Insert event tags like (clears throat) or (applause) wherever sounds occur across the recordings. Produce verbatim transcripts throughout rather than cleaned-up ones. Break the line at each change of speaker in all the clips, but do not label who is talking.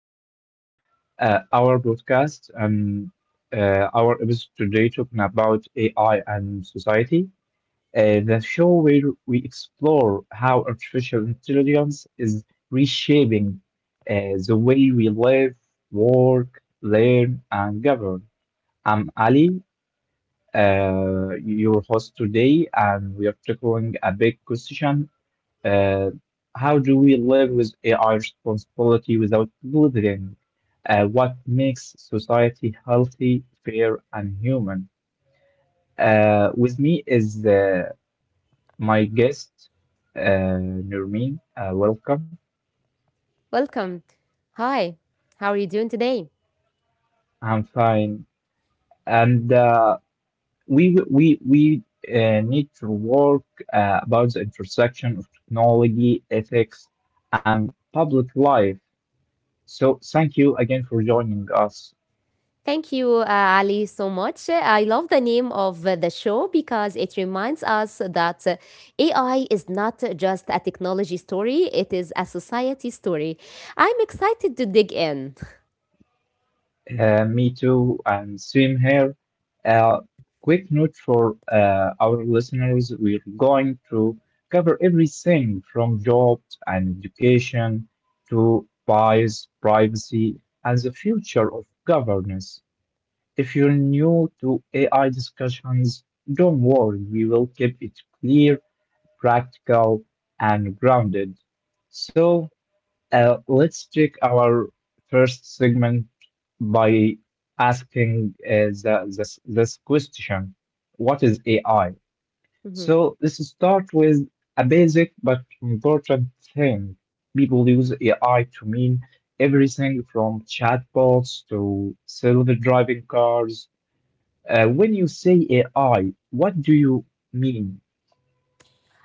back to uh, our broadcast. Um, uh, our episode today talking about A I and society, uh, the show where we explore how artificial intelligence is reshaping uh, the way we live, work, learn, and govern. I'm Ali, uh, your host today, and we are tackling a big question uh, how do we live with A I responsibility without blithering? Uh, what makes society healthy, fair, and human? Uh, with me is uh, my guest, uh, Nurmin. Uh, welcome.
Welcome. Hi. How are you doing today?
I'm fine. And uh, we we we uh, need to work uh, about the intersection of technology, ethics, and public life. So thank you again for joining us.
Thank you, uh, Ali, so much. I love the name of uh, the show because it reminds us that uh, A I is not just a technology story, it is a society story. I'm excited to dig in.
Uh, me too, and same here. Uh, quick note for uh, our listeners, we're going to cover everything from jobs and education to bias, privacy, and the future of governance. If you're new to A I discussions, don't worry, we will keep it clear, practical, and grounded. So, uh, let's take our first segment by asking uh, the, this, this question: what is A I?
(laughs)
So let's start with a basic but important thing. People use A I to mean everything from chatbots to self driving cars. Uh, when you say A I, what do you mean?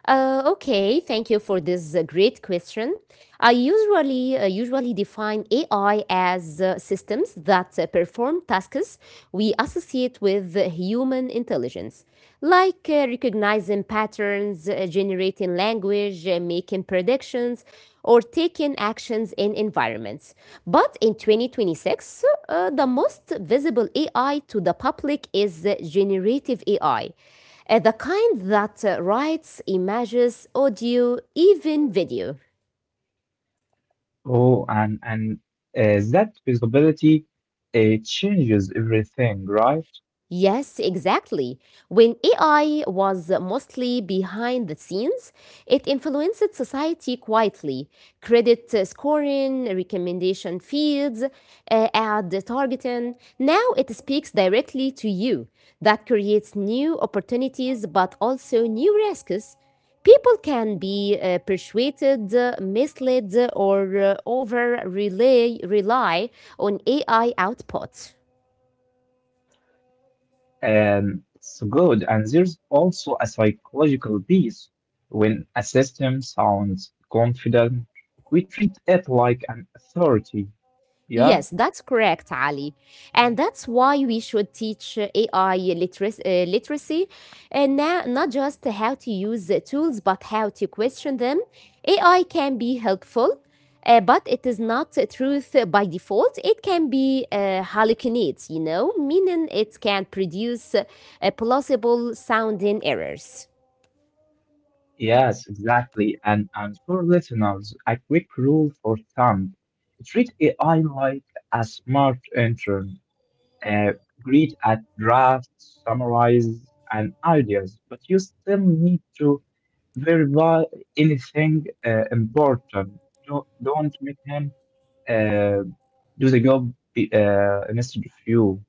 Uh, okay, thank you for this uh, great question. I usually uh, usually define A I as uh, systems that uh, perform tasks we associate with uh, human intelligence, like uh, recognizing patterns, uh, generating language, uh, making predictions, or taking actions in environments. But in twenty twenty-six, uh, the most visible A I to the public is uh, generative A I, uh, the kind that uh, writes images, audio, even video.
Oh, and, and uh, that visibility, it changes everything, right?
Yes, exactly. When A I was mostly behind the scenes, it influenced society quietly. Credit uh, scoring, recommendation feeds, uh, ad targeting. Now it speaks directly to you. That creates new opportunities but also new risks. People can be uh, persuaded, uh, misled, or uh, over rely, rely on A I output.
Um, it's good. And there's also a psychological piece. When a system sounds confident, we treat it like an authority. Yeah?
Yes, that's correct, Ali. And that's why we should teach uh, A I literacy, uh, literacy and now, not just how to use the tools, but how to question them. A I can be helpful, uh, but it is not a truth by default. It can be uh, hallucinates, you know, meaning it can produce uh, plausible sounding errors.
Yes, exactly. And, and for listeners, a quick rule for thumb. Treat A I like a smart intern. Uh, greet at drafts, summarize, and ideas, but you still need to verify anything uh, important. Don't, don't make him uh, do the job be- uh, instead of you,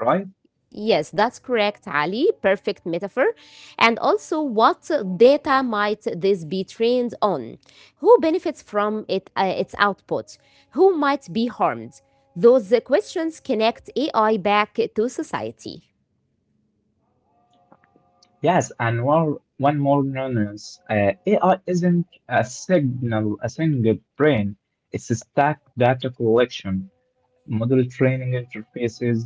right?
Yes, that's correct, Ali. Perfect metaphor. And also, what data might this be trained on? Who benefits from it, uh, its output? Who might be harmed? Those questions connect A I back to society.
Yes, and one one more nuance. Uh, A I isn't a signal, a single brain. It's a stack: data collection, model training interfaces,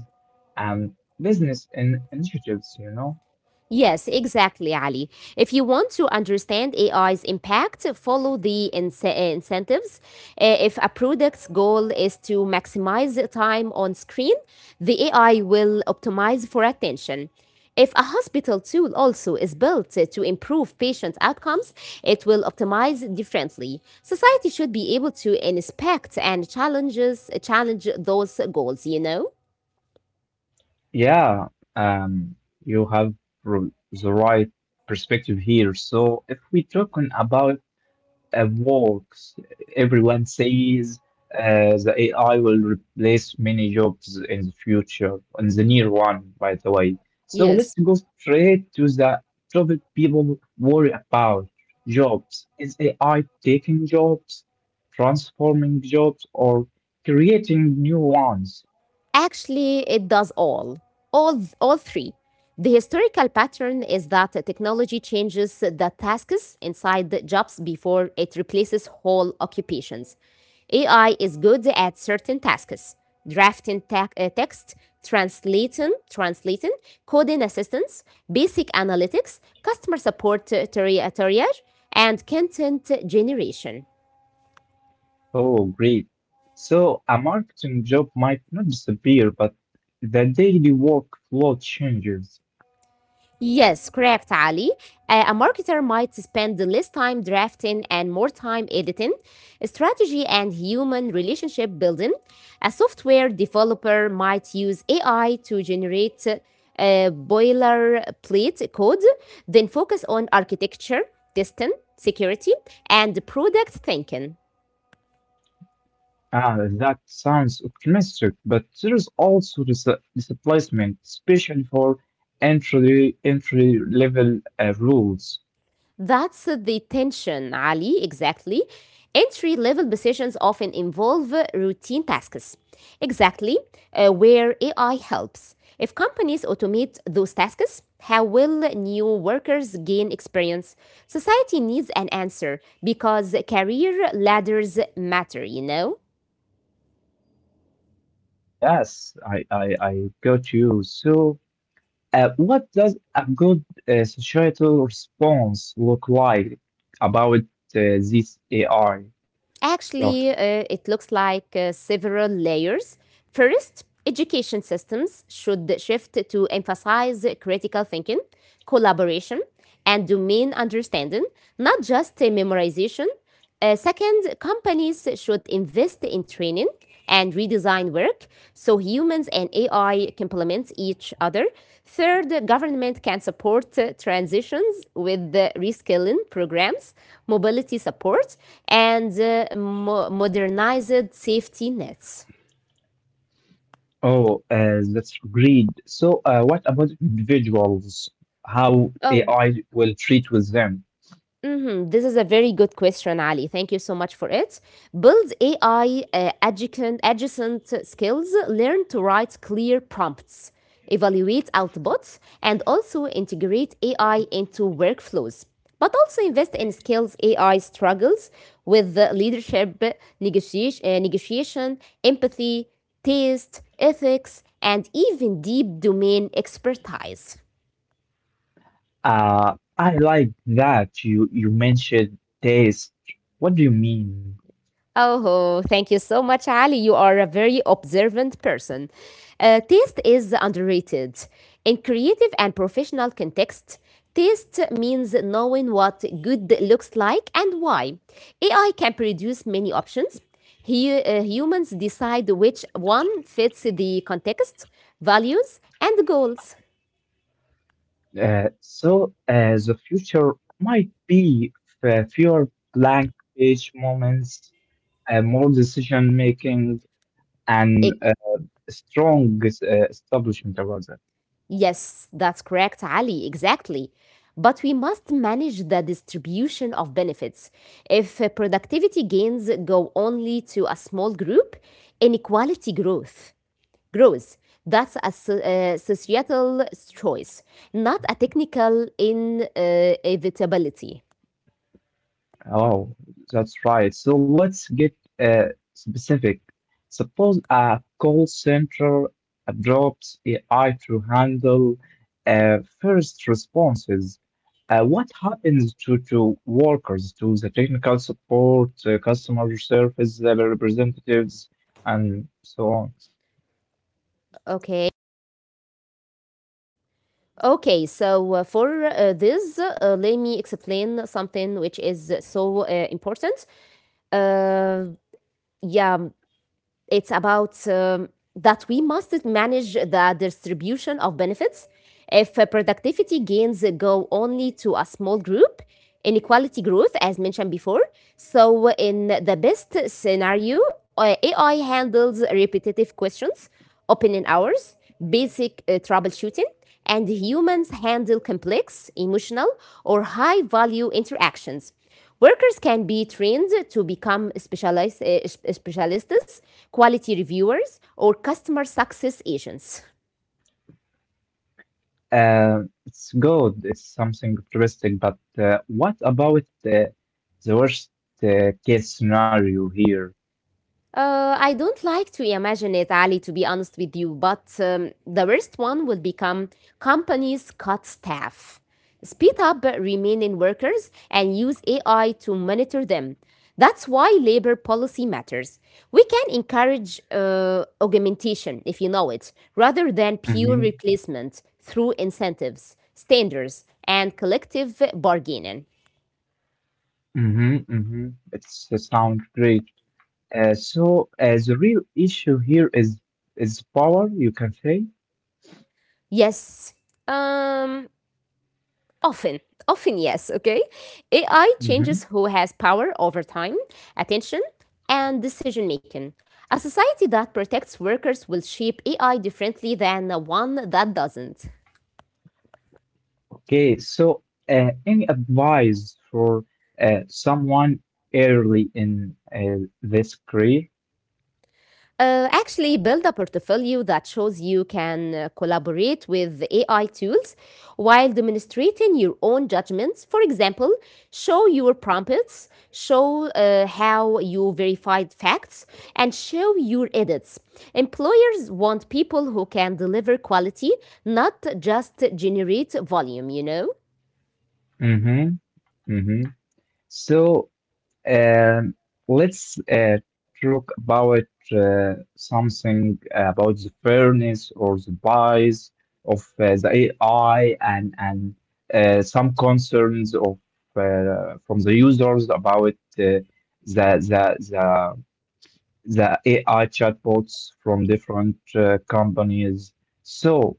and business in initiatives. You know,
Yes, exactly, Ali. If you want to understand A I's impact, follow the ince- incentives. Uh, If a product's goal is to maximize the time on screen, the A I will optimize for attention. If a hospital tool also is built to improve patient outcomes, it will optimize differently. Society should be able to inspect and challenges challenge those goals, you know?
yeah. Um, you have r- the right perspective here. So if we talking about uh, works. Everyone says uh, the A I will replace many jobs in the future, in the near one, by the way. So let's
Yes.
go straight to the topic people worry about: jobs. Is A I taking jobs, transforming jobs, or creating new ones?
Actually, it does all. All, th- all three. The historical pattern is that technology changes the tasks inside the jobs before it replaces whole occupations. A I is good at certain tasks drafting ta- uh, text, translating, translating, coding assistance, basic analytics, customer support uh, tri- triage, and content generation.
Oh, great. So a marketing job might not disappear, but the daily workflow changes.
Yes, correct, Ali. Uh, a marketer might spend less time drafting and more time editing, strategy and human relationship building. A software developer might use A I to generate uh, boilerplate code, then focus on architecture, testing, security, and product thinking.
Ah, that sounds optimistic, but there is also this uh, displacement, especially for entry entry level uh, rules.
That's the tension, Ali, exactly. Entry level positions often involve routine tasks, exactly uh, where A I helps. If companies automate those tasks, how will new workers gain experience? Society needs an answer because career ladders matter, you know?
Yes, I, I I got you. So, uh, what does a good uh, societal response look like about uh, this A I stuff?
Actually, uh, it looks like uh, several layers. First, education systems should shift to emphasize critical thinking, collaboration, and domain understanding, not just uh, memorization. Uh, second, companies should invest in training and redesign work so humans and A I complement each other. Third, the government can support uh, transitions with the reskilling programs, mobility support, and uh, mo- modernized safety nets.
Oh, uh, that's great. So, uh, what about individuals? How
Oh,
A I will treat with them?
mhm. This is a very good question, Ali. Thank you so much for it. Build A I uh, adjacent, adjacent skills, learn to write clear prompts, evaluate outputs, and also integrate A I into workflows. But also invest in skills A I struggles with the leadership, negotiation, uh, negotiation, empathy, taste, ethics, and even deep domain expertise.
Uh, I like that you you mentioned taste. What do you mean?
Oh, thank you so much, Ali. You are a very observant person. Uh, taste is underrated. In creative and professional context, taste means knowing what good looks like and why. A I can produce many options. He, uh, humans decide which one fits the context, values, and goals.
Uh, so uh, the future might be f- fewer blank page moments, uh, more decision making, and uh, strong uh, establishment about that.
Yes, that's correct, Ali. Exactly. But we must manage the distribution of benefits. If uh, productivity gains go only to a small group, inequality growth grows. That's a so- uh, societal choice, not a technical inevitability.
Oh, that's right. So let's get uh, specific. Suppose a call center uh, drops A I to handle uh, first responses. Uh, what happens to, to workers, to the technical support, uh, customer service uh, representatives, and so on?
Okay. Okay, so uh, for uh, this, uh, let me explain something which is so uh, important uh yeah It's about um, that we must manage the distribution of benefits. If uh, productivity gains go only to a small group, inequality growth, as mentioned before. So, in the best scenario, uh, A I handles repetitive questions, opinion hours, basic uh, troubleshooting, and humans handle complex, emotional, or high value interactions. Workers can be trained to become specialists, eh, specialists, quality reviewers, or customer success agents.
Uh, it's good, it's something optimistic, but uh, what about the, the worst uh, case scenario here?
Uh, I don't like to imagine it, Ali, to be honest with you, but um, the worst one will become companies cut staff, speed up remaining workers, and use A I to monitor them. That's why labor policy matters. We can encourage uh, augmentation, if you know it, rather than pure
Mm-hmm,
replacement through incentives, standards, and collective bargaining.
mm-hmm, mm-hmm. It's uh, sound great. Uh, so uh, the real issue here is is power, you can say.
Yes. Um, Often, often, yes, okay? A I changes who has power over time, attention, and decision making. A society that protects workers will shape A I differently than one that doesn't.
Okay, so uh, any advice for uh, someone early in uh, this career?
Uh, actually, build a portfolio that shows you can uh, collaborate with A I tools while demonstrating your own judgments. For example, show your prompts, show uh, how you verified facts, and show your edits. Employers want people who can deliver quality, not just generate volume, you know?
Mm-hmm, mm-hmm. So um, let's uh, talk about uh, something about the fairness or the bias of uh, the A I and and uh, some concerns of uh, from the users about uh, the the the the A I chatbots from different uh, companies. So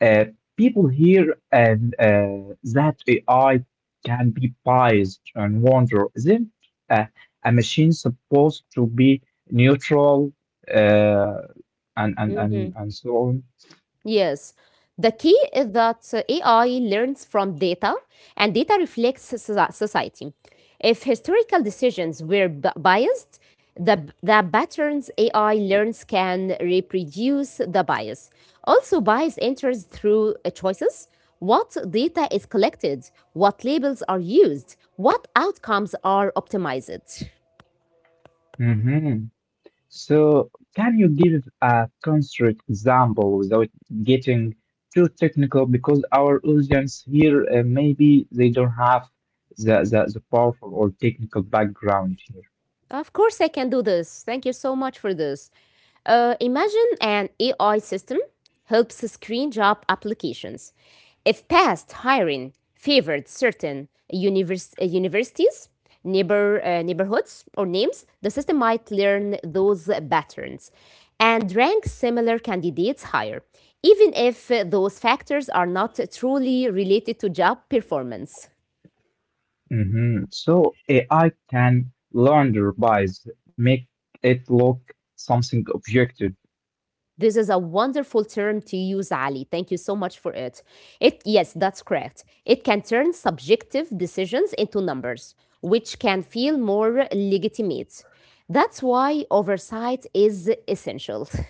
uh, people hear and uh, that A I can be biased and wonder, isn't uh, a machine supposed to be neutral uh, and, and, and,
Mhm.
and so on?
Yes. The key is that uh, A I learns from data and data reflects soci- society. If historical decisions were b- biased, the, b- the patterns A I learns can reproduce the bias. Also, bias enters through uh, choices. What data is collected? What labels are used? What outcomes are optimized?
Mm-hmm. So, can you give a concrete example without getting too technical? Because our audience here, uh, maybe they don't have the, the, the powerful or technical background here.
Of course, I can do this. Thank you so much for this. Uh, imagine an A I system helps screen job applications. If past hiring favored certain univers- uh, universities, neighbor uh, neighborhoods, or names, the system might learn those patterns and rank similar candidates higher, even if uh, those factors are not truly related to job performance.
Mhm. So, A I can launder bias, make it look something objective.
This is a wonderful term to use, Ali. Thank you so much for it. It yes, that's correct. It can turn subjective decisions into numbers, which can feel more legitimate. That's why oversight is essential. (laughs)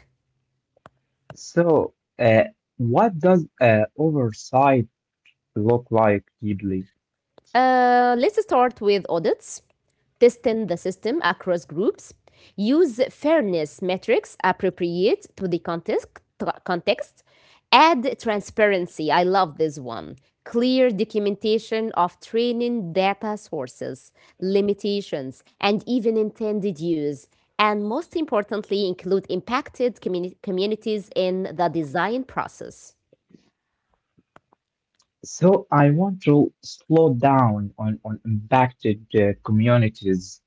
So, uh, what does uh, oversight look like deeply?
Uh, let's start with audits. Testing the system across groups, use fairness metrics appropriate to the context, context, add transparency. I love this one. Clear documentation of training data sources, limitations, and even intended use. And most importantly, include impacted communi- communities in the design process.
So I want to slow down on, on impacted uh, communities.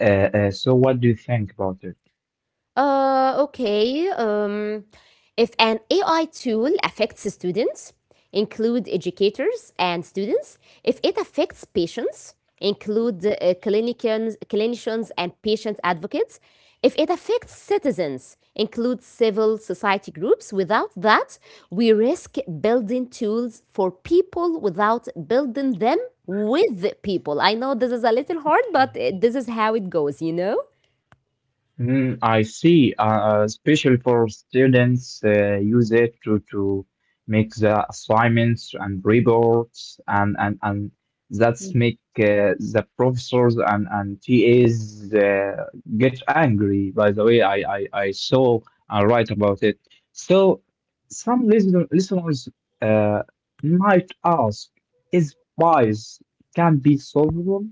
Uh, uh, so what do you think about it?
Uh, okay. Um, if an A I tool affects students, include educators and students. If it affects patients, include uh, clinicians, clinicians and patient advocates. If it affects citizens, include civil society groups. Without that, we risk building tools for people without building them with people. I know this is a little hard, but uh, this is how it goes, you know?
Mm, I see. Uh, especially for students, uh, use it to to make the assignments and reports, and and and that's make uh, the professors and and T As uh, get angry. By the way, I I, I saw and write about it. So some listen, listeners uh, might ask, is bias can be solvable?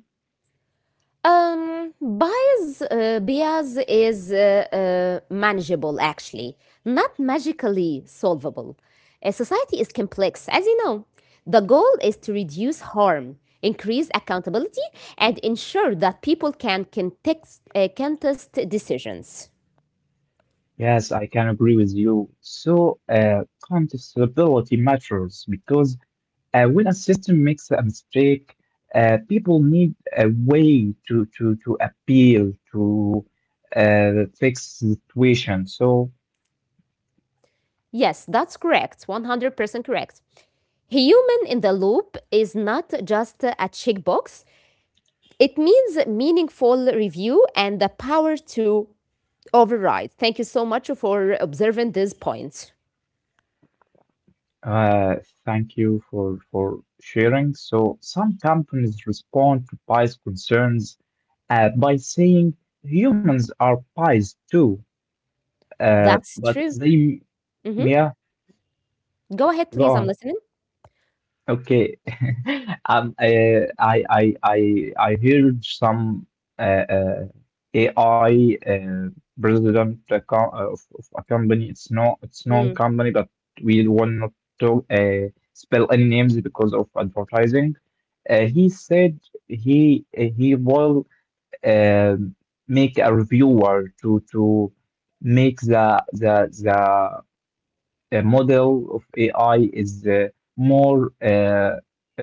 Um, bias, uh, bias is uh, uh, manageable, actually, not magically solvable. A society is complex, as you know. The goal is to reduce harm, increase accountability, and ensure that people can contest, uh, contest decisions.
Yes, I can agree with you. So, uh, contestability matters because uh, when a system makes a mistake, uh, people need a way to, to, to appeal to uh, fix the situation. So,
Yes, that's correct. one hundred percent correct. Human in the loop is not just a checkbox, it means meaningful review and the power to override. Thank you so much for observing these points.
uh, thank you for, for sharing. So, some companies respond to bias concerns uh, by saying humans are biased too, uh,
That's
but
true.
they,
Hmm.
yeah,
Go ahead,
go
please. I'm
on.
listening.
Okay. (laughs) Um, uh, I, I, I, I heard some uh, uh, A I uh, president uh, co- uh, of, of a company. It's not, it's known
Mm.
company, but we will not talk, uh, spell any names because of advertising. Uh, he said he uh, he will uh, make a reviewer to to make the the the uh, model of A I is uh, more uh,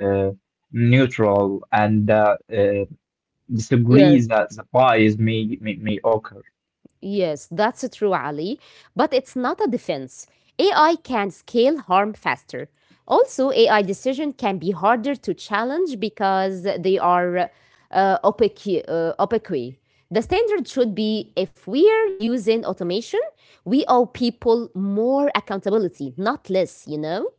uh, neutral and uh, uh,
Yes.
disagrees that the bias may, may may occur.
Yes, that's true, Ali. But it's not a defense. A I can scale harm faster. Also, A I decision can be harder to challenge because they are uh, opaque, uh, opaque. The standard should be if we're using automation, we owe people more accountability, not less, you know?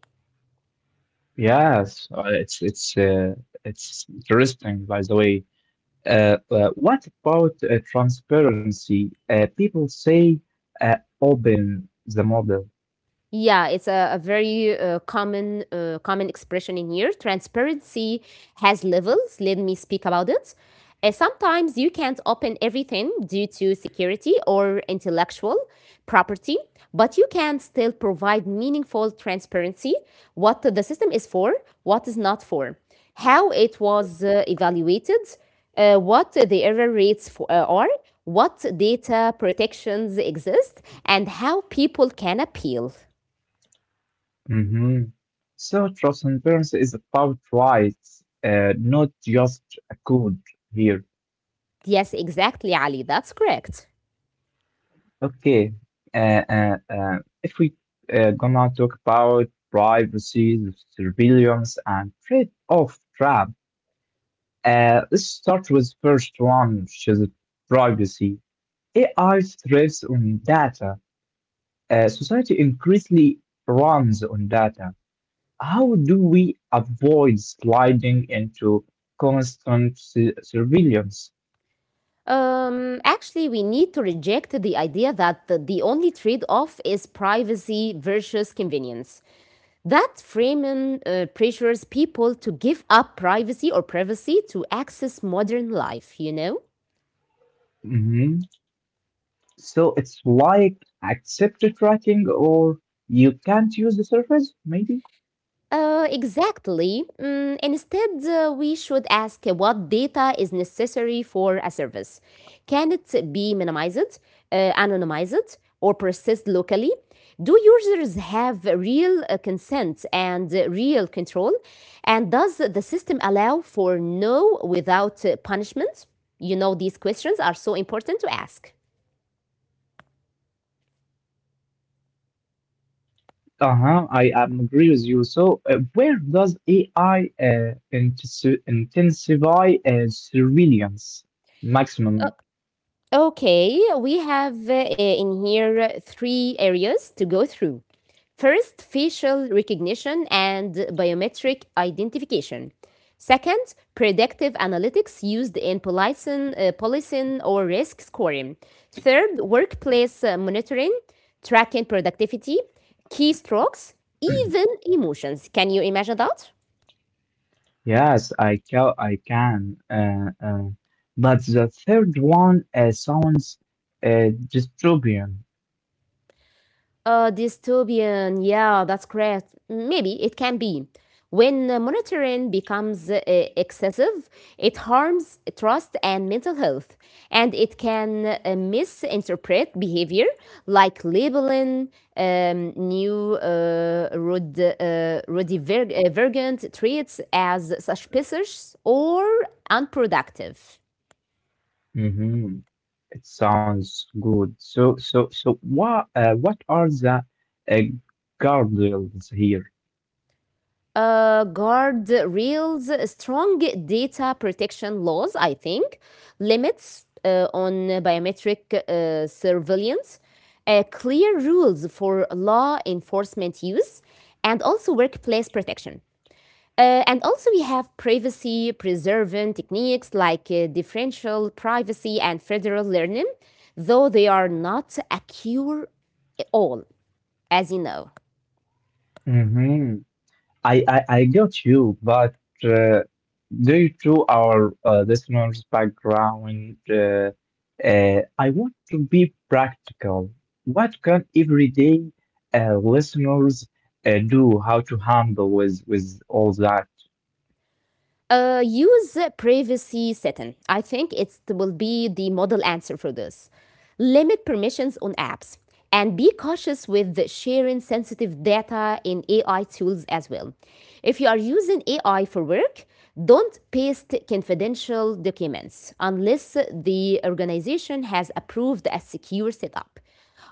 Yes, uh, it's it's uh, it's interesting, by the way. Uh, uh, what about uh, transparency? Uh, people say uh, open the model.
Yeah, it's a, a very uh, common uh, common expression in here. Transparency has levels. Let me speak about it. Uh, sometimes you can't open everything due to security or intellectual property, but you can still provide meaningful transparency what the system is for, what is not for, how it was uh, evaluated, uh, what the error rates for, uh, are, what data protections exist, and how people can appeal.
Hmm. So transparency is about rights, uh, not just a code here.
Yes, exactly, Ali. That's correct.
Okay. Uh, uh, uh, if we uh, gonna talk about privacy, surveillance, and trade-off trap, uh, let's start with first one, which is privacy. A I thrives on data. Uh, society increasingly runs on data. How do we avoid sliding into constant su- surveillance?
Um, actually, we need to reject the idea that the, the only trade off is privacy versus convenience. That framing uh, pressures people to give up privacy or privacy to access modern life, you know?
Mm-hmm. So it's like accepted tracking, or you can't use the surface, maybe?
Uh, exactly. Mm, instead, uh, we should ask what data is necessary for a service. Can it be minimized, uh, anonymized, or processed locally? Do users have real uh, consent and uh, real control? And does the system allow for no without uh, punishment? You know, these questions are so important to ask.
Uh-huh, I um, agree with you. So uh, where does A I uh, intensi- intensify uh, surveillance maximum?
Okay, we have uh, in here uh, three areas to go through. First, facial recognition and biometric identification. Second, predictive analytics used in policing, uh, policing or risk scoring. Third, workplace uh, monitoring, tracking productivity, keystrokes, even emotions. Can you imagine that?
Yes, I can. I can. Uh, uh, but the third one uh, sounds uh, dystopian.
Uh, dystopian, yeah, that's correct. Maybe it can be. When uh, monitoring becomes uh, excessive, it harms trust and mental health, and it can uh, misinterpret behavior like labeling um, new uh, rud- uh, rudiverg- uh, virgent traits as suspicious or unproductive.
Hmm. It sounds good. So, so, so, what, uh, what are the uh, guardrails here?
Uh, guard rails, strong data protection laws, I think, limits uh, on biometric uh, surveillance, uh, clear rules for law enforcement use, and also workplace protection. Uh, and also, we have privacy preserving techniques like uh, differential privacy and federal learning, though they are not a cure all, as you know.
Hmm. I, I, I got you, but uh, due to our uh, listeners' background, uh, uh, I want to be practical. What can everyday uh, listeners uh, do? How to handle with with all that?
Uh, use privacy setting. I think it will be the model answer for this. Limit permissions on apps and be cautious with the sharing sensitive data in A I tools as well. If you are using A I for work, don't paste confidential documents unless the organization has approved a secure setup.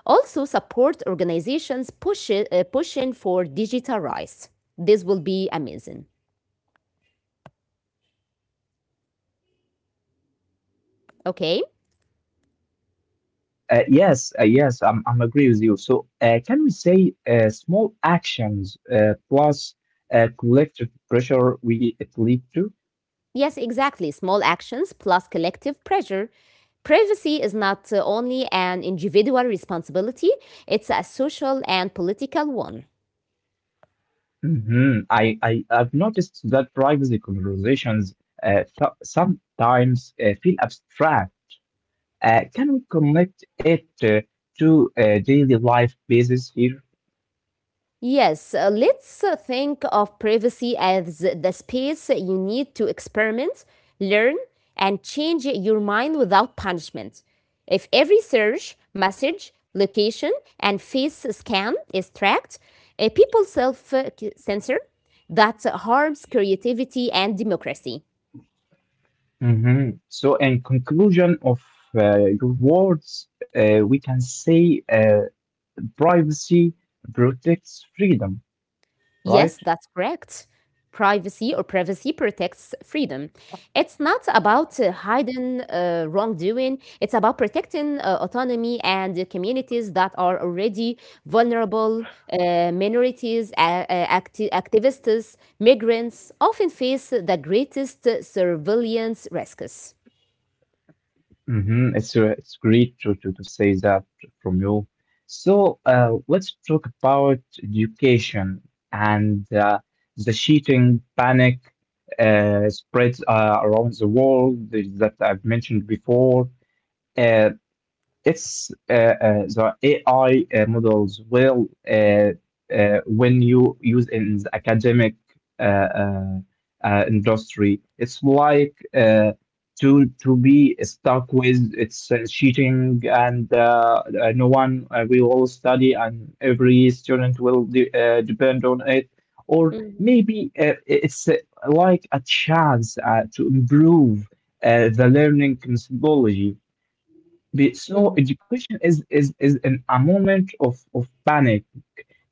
Also, support organizations push, uh, pushing for digital rights. This will be amazing. Okay.
Uh, yes, uh, yes, I'm, I'm agree with you. So, uh, can we say uh, small actions uh, plus uh, collective pressure we it lead to?
Yes, exactly. Small actions plus collective pressure. Privacy is not uh, only an individual responsibility, it's a social and political one.
Hmm. I, I I've noticed that privacy conversations uh, so- sometimes uh, feel abstract. Uh, can we connect it uh, to uh, daily life basis here?
Yes, uh, let's uh, think of privacy as the space you need to experiment, learn, and change your mind without punishment. If every search, message, location, and face scan is tracked, uh, people self uh, censor, that harms creativity and democracy.
Hmm. So, in conclusion of uh, your words, uh, we can say. Uh, privacy protects freedom, right?
Yes, that's correct. Privacy or privacy protects freedom. It's not about uh, hiding uh, wrongdoing, it's about protecting uh, autonomy and the communities that are already vulnerable. Uh, minorities, uh, uh, acti- activists, migrants often face the greatest surveillance risks.
Hmm. It's uh, it's great to, to to say that from you. So uh, let's talk about education and uh, the cheating panic uh, spreads uh, around the world that I've mentioned before. Uh, it's uh, uh, The A I uh, models will uh, uh, when you use in the academic uh, uh, uh, industry. It's like uh, to to be stuck with it's uh, cheating and uh, uh, no one uh, we all study and every student will de uh, depend on it. Or
Mhm,
maybe uh, it's uh, like a chance uh, to improve uh, the learning methodology but so
mhm.
education is is is in a moment of of panic.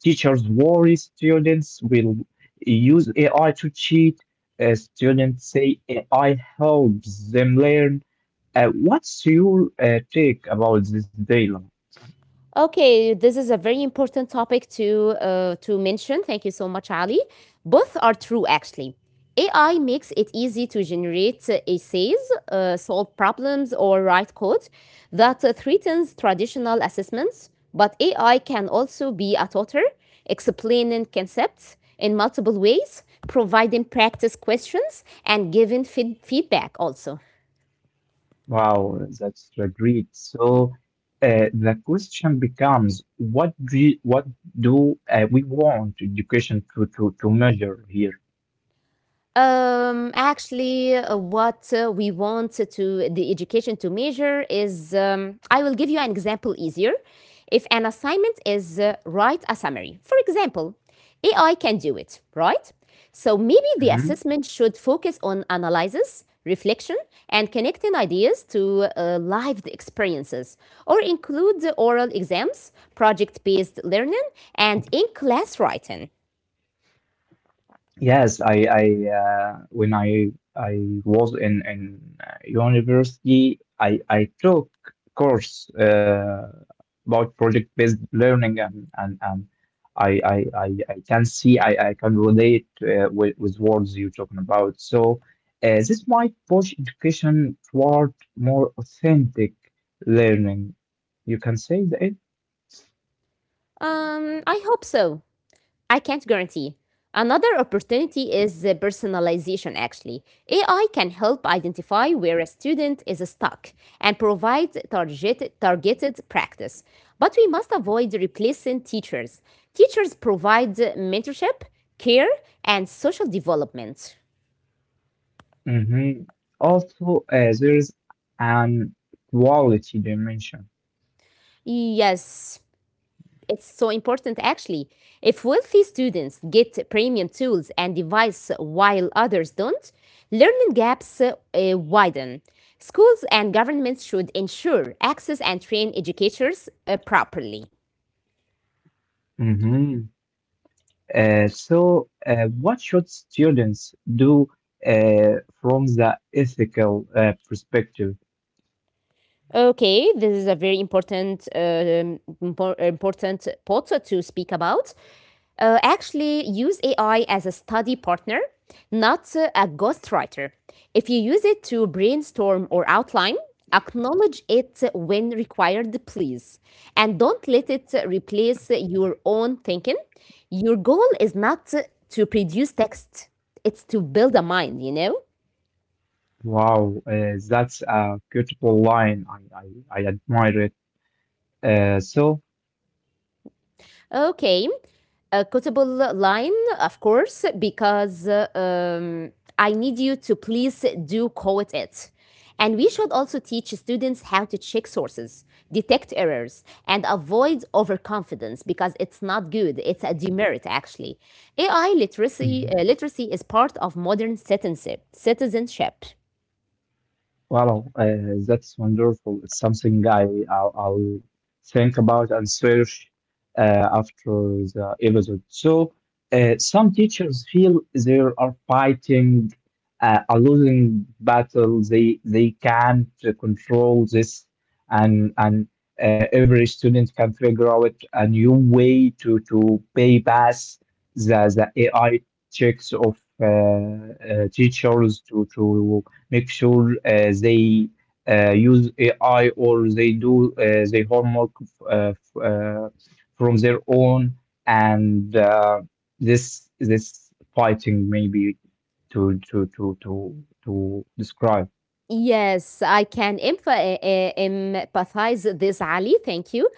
Teachers worry students will use A I to cheat. Uh, students say A I helps them learn. Uh, what's your uh, take about this dilemma?
Okay, this is a very important topic to uh, to mention. Thank you so much, Ali. Both are true, actually. A I makes it easy to generate uh, essays, uh, solve problems, or write code that uh, threatens traditional assessments. But A I can also be a tutor, explaining concepts in multiple ways, providing practice questions, and giving feed- feedback also.
Wow, that's uh, great. So uh, the question becomes, what do you- what do uh, we want education to to to measure here?
Um, actually, uh, what uh, we want to the education to measure is, um, I will give you an example easier. If an assignment is uh, write a summary, for example, A I can do it, right? So maybe the
Mm-hmm.
assessment should focus on analysis, reflection, and connecting ideas to uh, lived experiences, or include the oral exams, project-based learning, and in-class writing.
Yes, I, I uh, when I I was in in uh, university, I I took course uh, about project-based learning, and and, and I, I I I can see I, I can relate uh, with with words you're talking about. So uh, this might push education toward more authentic learning. You can say that.
Um, I hope so. I can't guarantee. Another opportunity is uh, personalization, actually. A I can help identify where a student is stuck and provide targeted, targeted practice. But we must avoid replacing teachers. Teachers provide mentorship, care, and social development.
Hmm. Also, uh, there is an quality dimension.
Yes, it's so important actually. If wealthy students get premium tools and devices while others don't, learning gaps uh, uh, widen. Schools and governments should ensure access and train educators uh, properly.
Hmm. Uh, so, uh, what should students do uh, from the ethical uh, perspective?
Okay, this is a very important, uh, um, impor- important point to speak about. Uh, actually, use A I as a study partner, not uh, a ghostwriter. If you use it to brainstorm or outline, acknowledge it when required, please. And don't let it uh, replace your own thinking. Your goal is not to produce text, it's to build a mind, you know?
Wow, uh, that's a beautiful line. I, I, I admire it. Uh, so,
Okay, a quotable line, of course, because uh, um, I need you to please do quote it. And we should also teach students how to check sources, detect errors, and avoid overconfidence because it's not good. It's a demerit, actually. A I literacy,
mm-hmm.
uh, literacy is part of modern citizenship. citizenship.
Wow, uh, that's wonderful. It's something I I'll, I'll think about and search uh, after the episode. So, uh, some teachers feel they are fighting uh, a losing battle. They they can't control this, and and uh, every student can figure out a new way to to pay pass the the A I checks of uh, uh, teachers to to make sure uh, they uh, use A I or they do uh, their homework uh, f- uh, from their own and uh, this this fighting maybe to to to to to describe.
Yes, I can emph- uh, uh, empathize this, Ali. Thank you.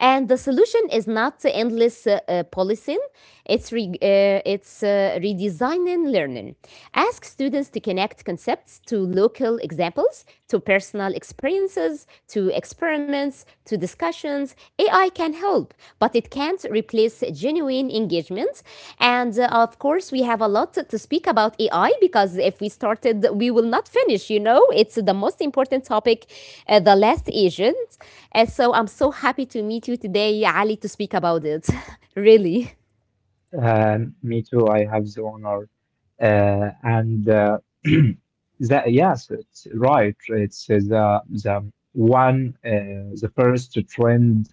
And the solution is not endless uh, uh, policing. It's, re- uh, it's uh, redesigning learning. Ask students to connect concepts to local examples, to personal experiences, to experiments, to discussions. A I can help, but it can't replace genuine engagement. And uh, of course, we have a lot to speak about A I because if we started, we will not finish, you know? It's the most important topic, uh, the last agent. And so I'm so happy to meet you today, Ali, to speak about it. (laughs) Really.
Um, me too. I have the honor, uh, and uh, (clears throat) that yes, it's right. It's uh, the the one uh, the first trend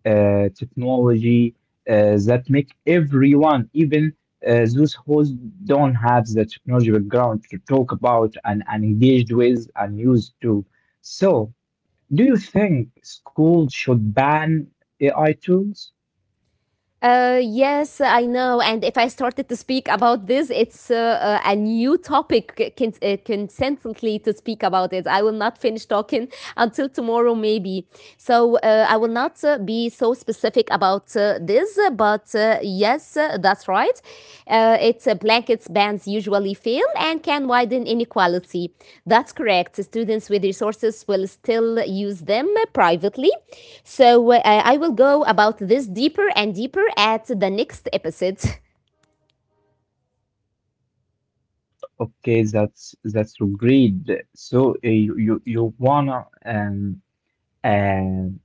uh, technology uh, that make everyone, even uh, those who don't have the technology background to talk about and, and engaged with and used to. So, do you think schools should ban A I tools?
Uh, yes, I know. And if I started to speak about this, it's uh, uh, a new topic c- cons- uh, consistently to speak about it. I will not finish talking (laughs) until tomorrow, maybe. So uh, I will not uh, be so specific about uh, this, uh, but uh, yes, uh, that's right. Uh, it uh, blankets bands usually fail and can widen inequality. That's correct. Students with resources will still use them privately. So uh, I will go about this deeper and deeper at the next episode. (laughs)
Okay, that's that's agreed. So uh, you you you wanna um um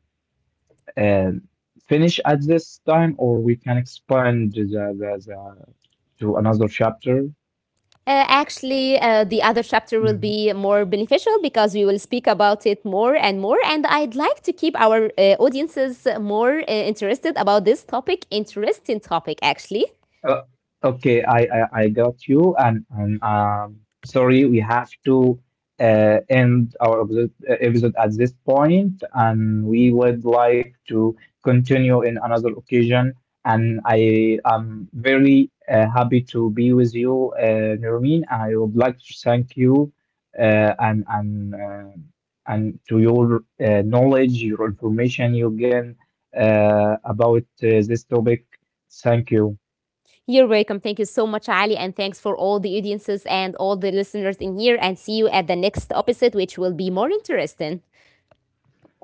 um finish at this time, or we can expand the, the, the to another chapter?
Uh, actually, uh, the other chapter will
Mm-hmm.
be more beneficial because we will speak about it more and more. And I'd like to keep our uh, audiences more uh, interested about this topic. Interesting topic, actually.
Uh, okay, I, I I got you, and and um, sorry, we have to uh, end our episode, uh, episode at this point, and we would like to continue in another occasion. And I am very uh, happy to be with you, uh, Nermin. I would like to thank you, uh, and and uh, and to your uh, knowledge, your information you gain uh, about uh, this topic. Thank you.
You're welcome. Thank you so much, Ali. And thanks for all the audiences and all the listeners in here. And see you at the next episode, which will be more interesting.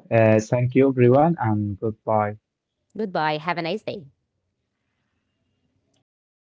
Uh, thank you, everyone, and goodbye.
Goodbye. Have a nice day.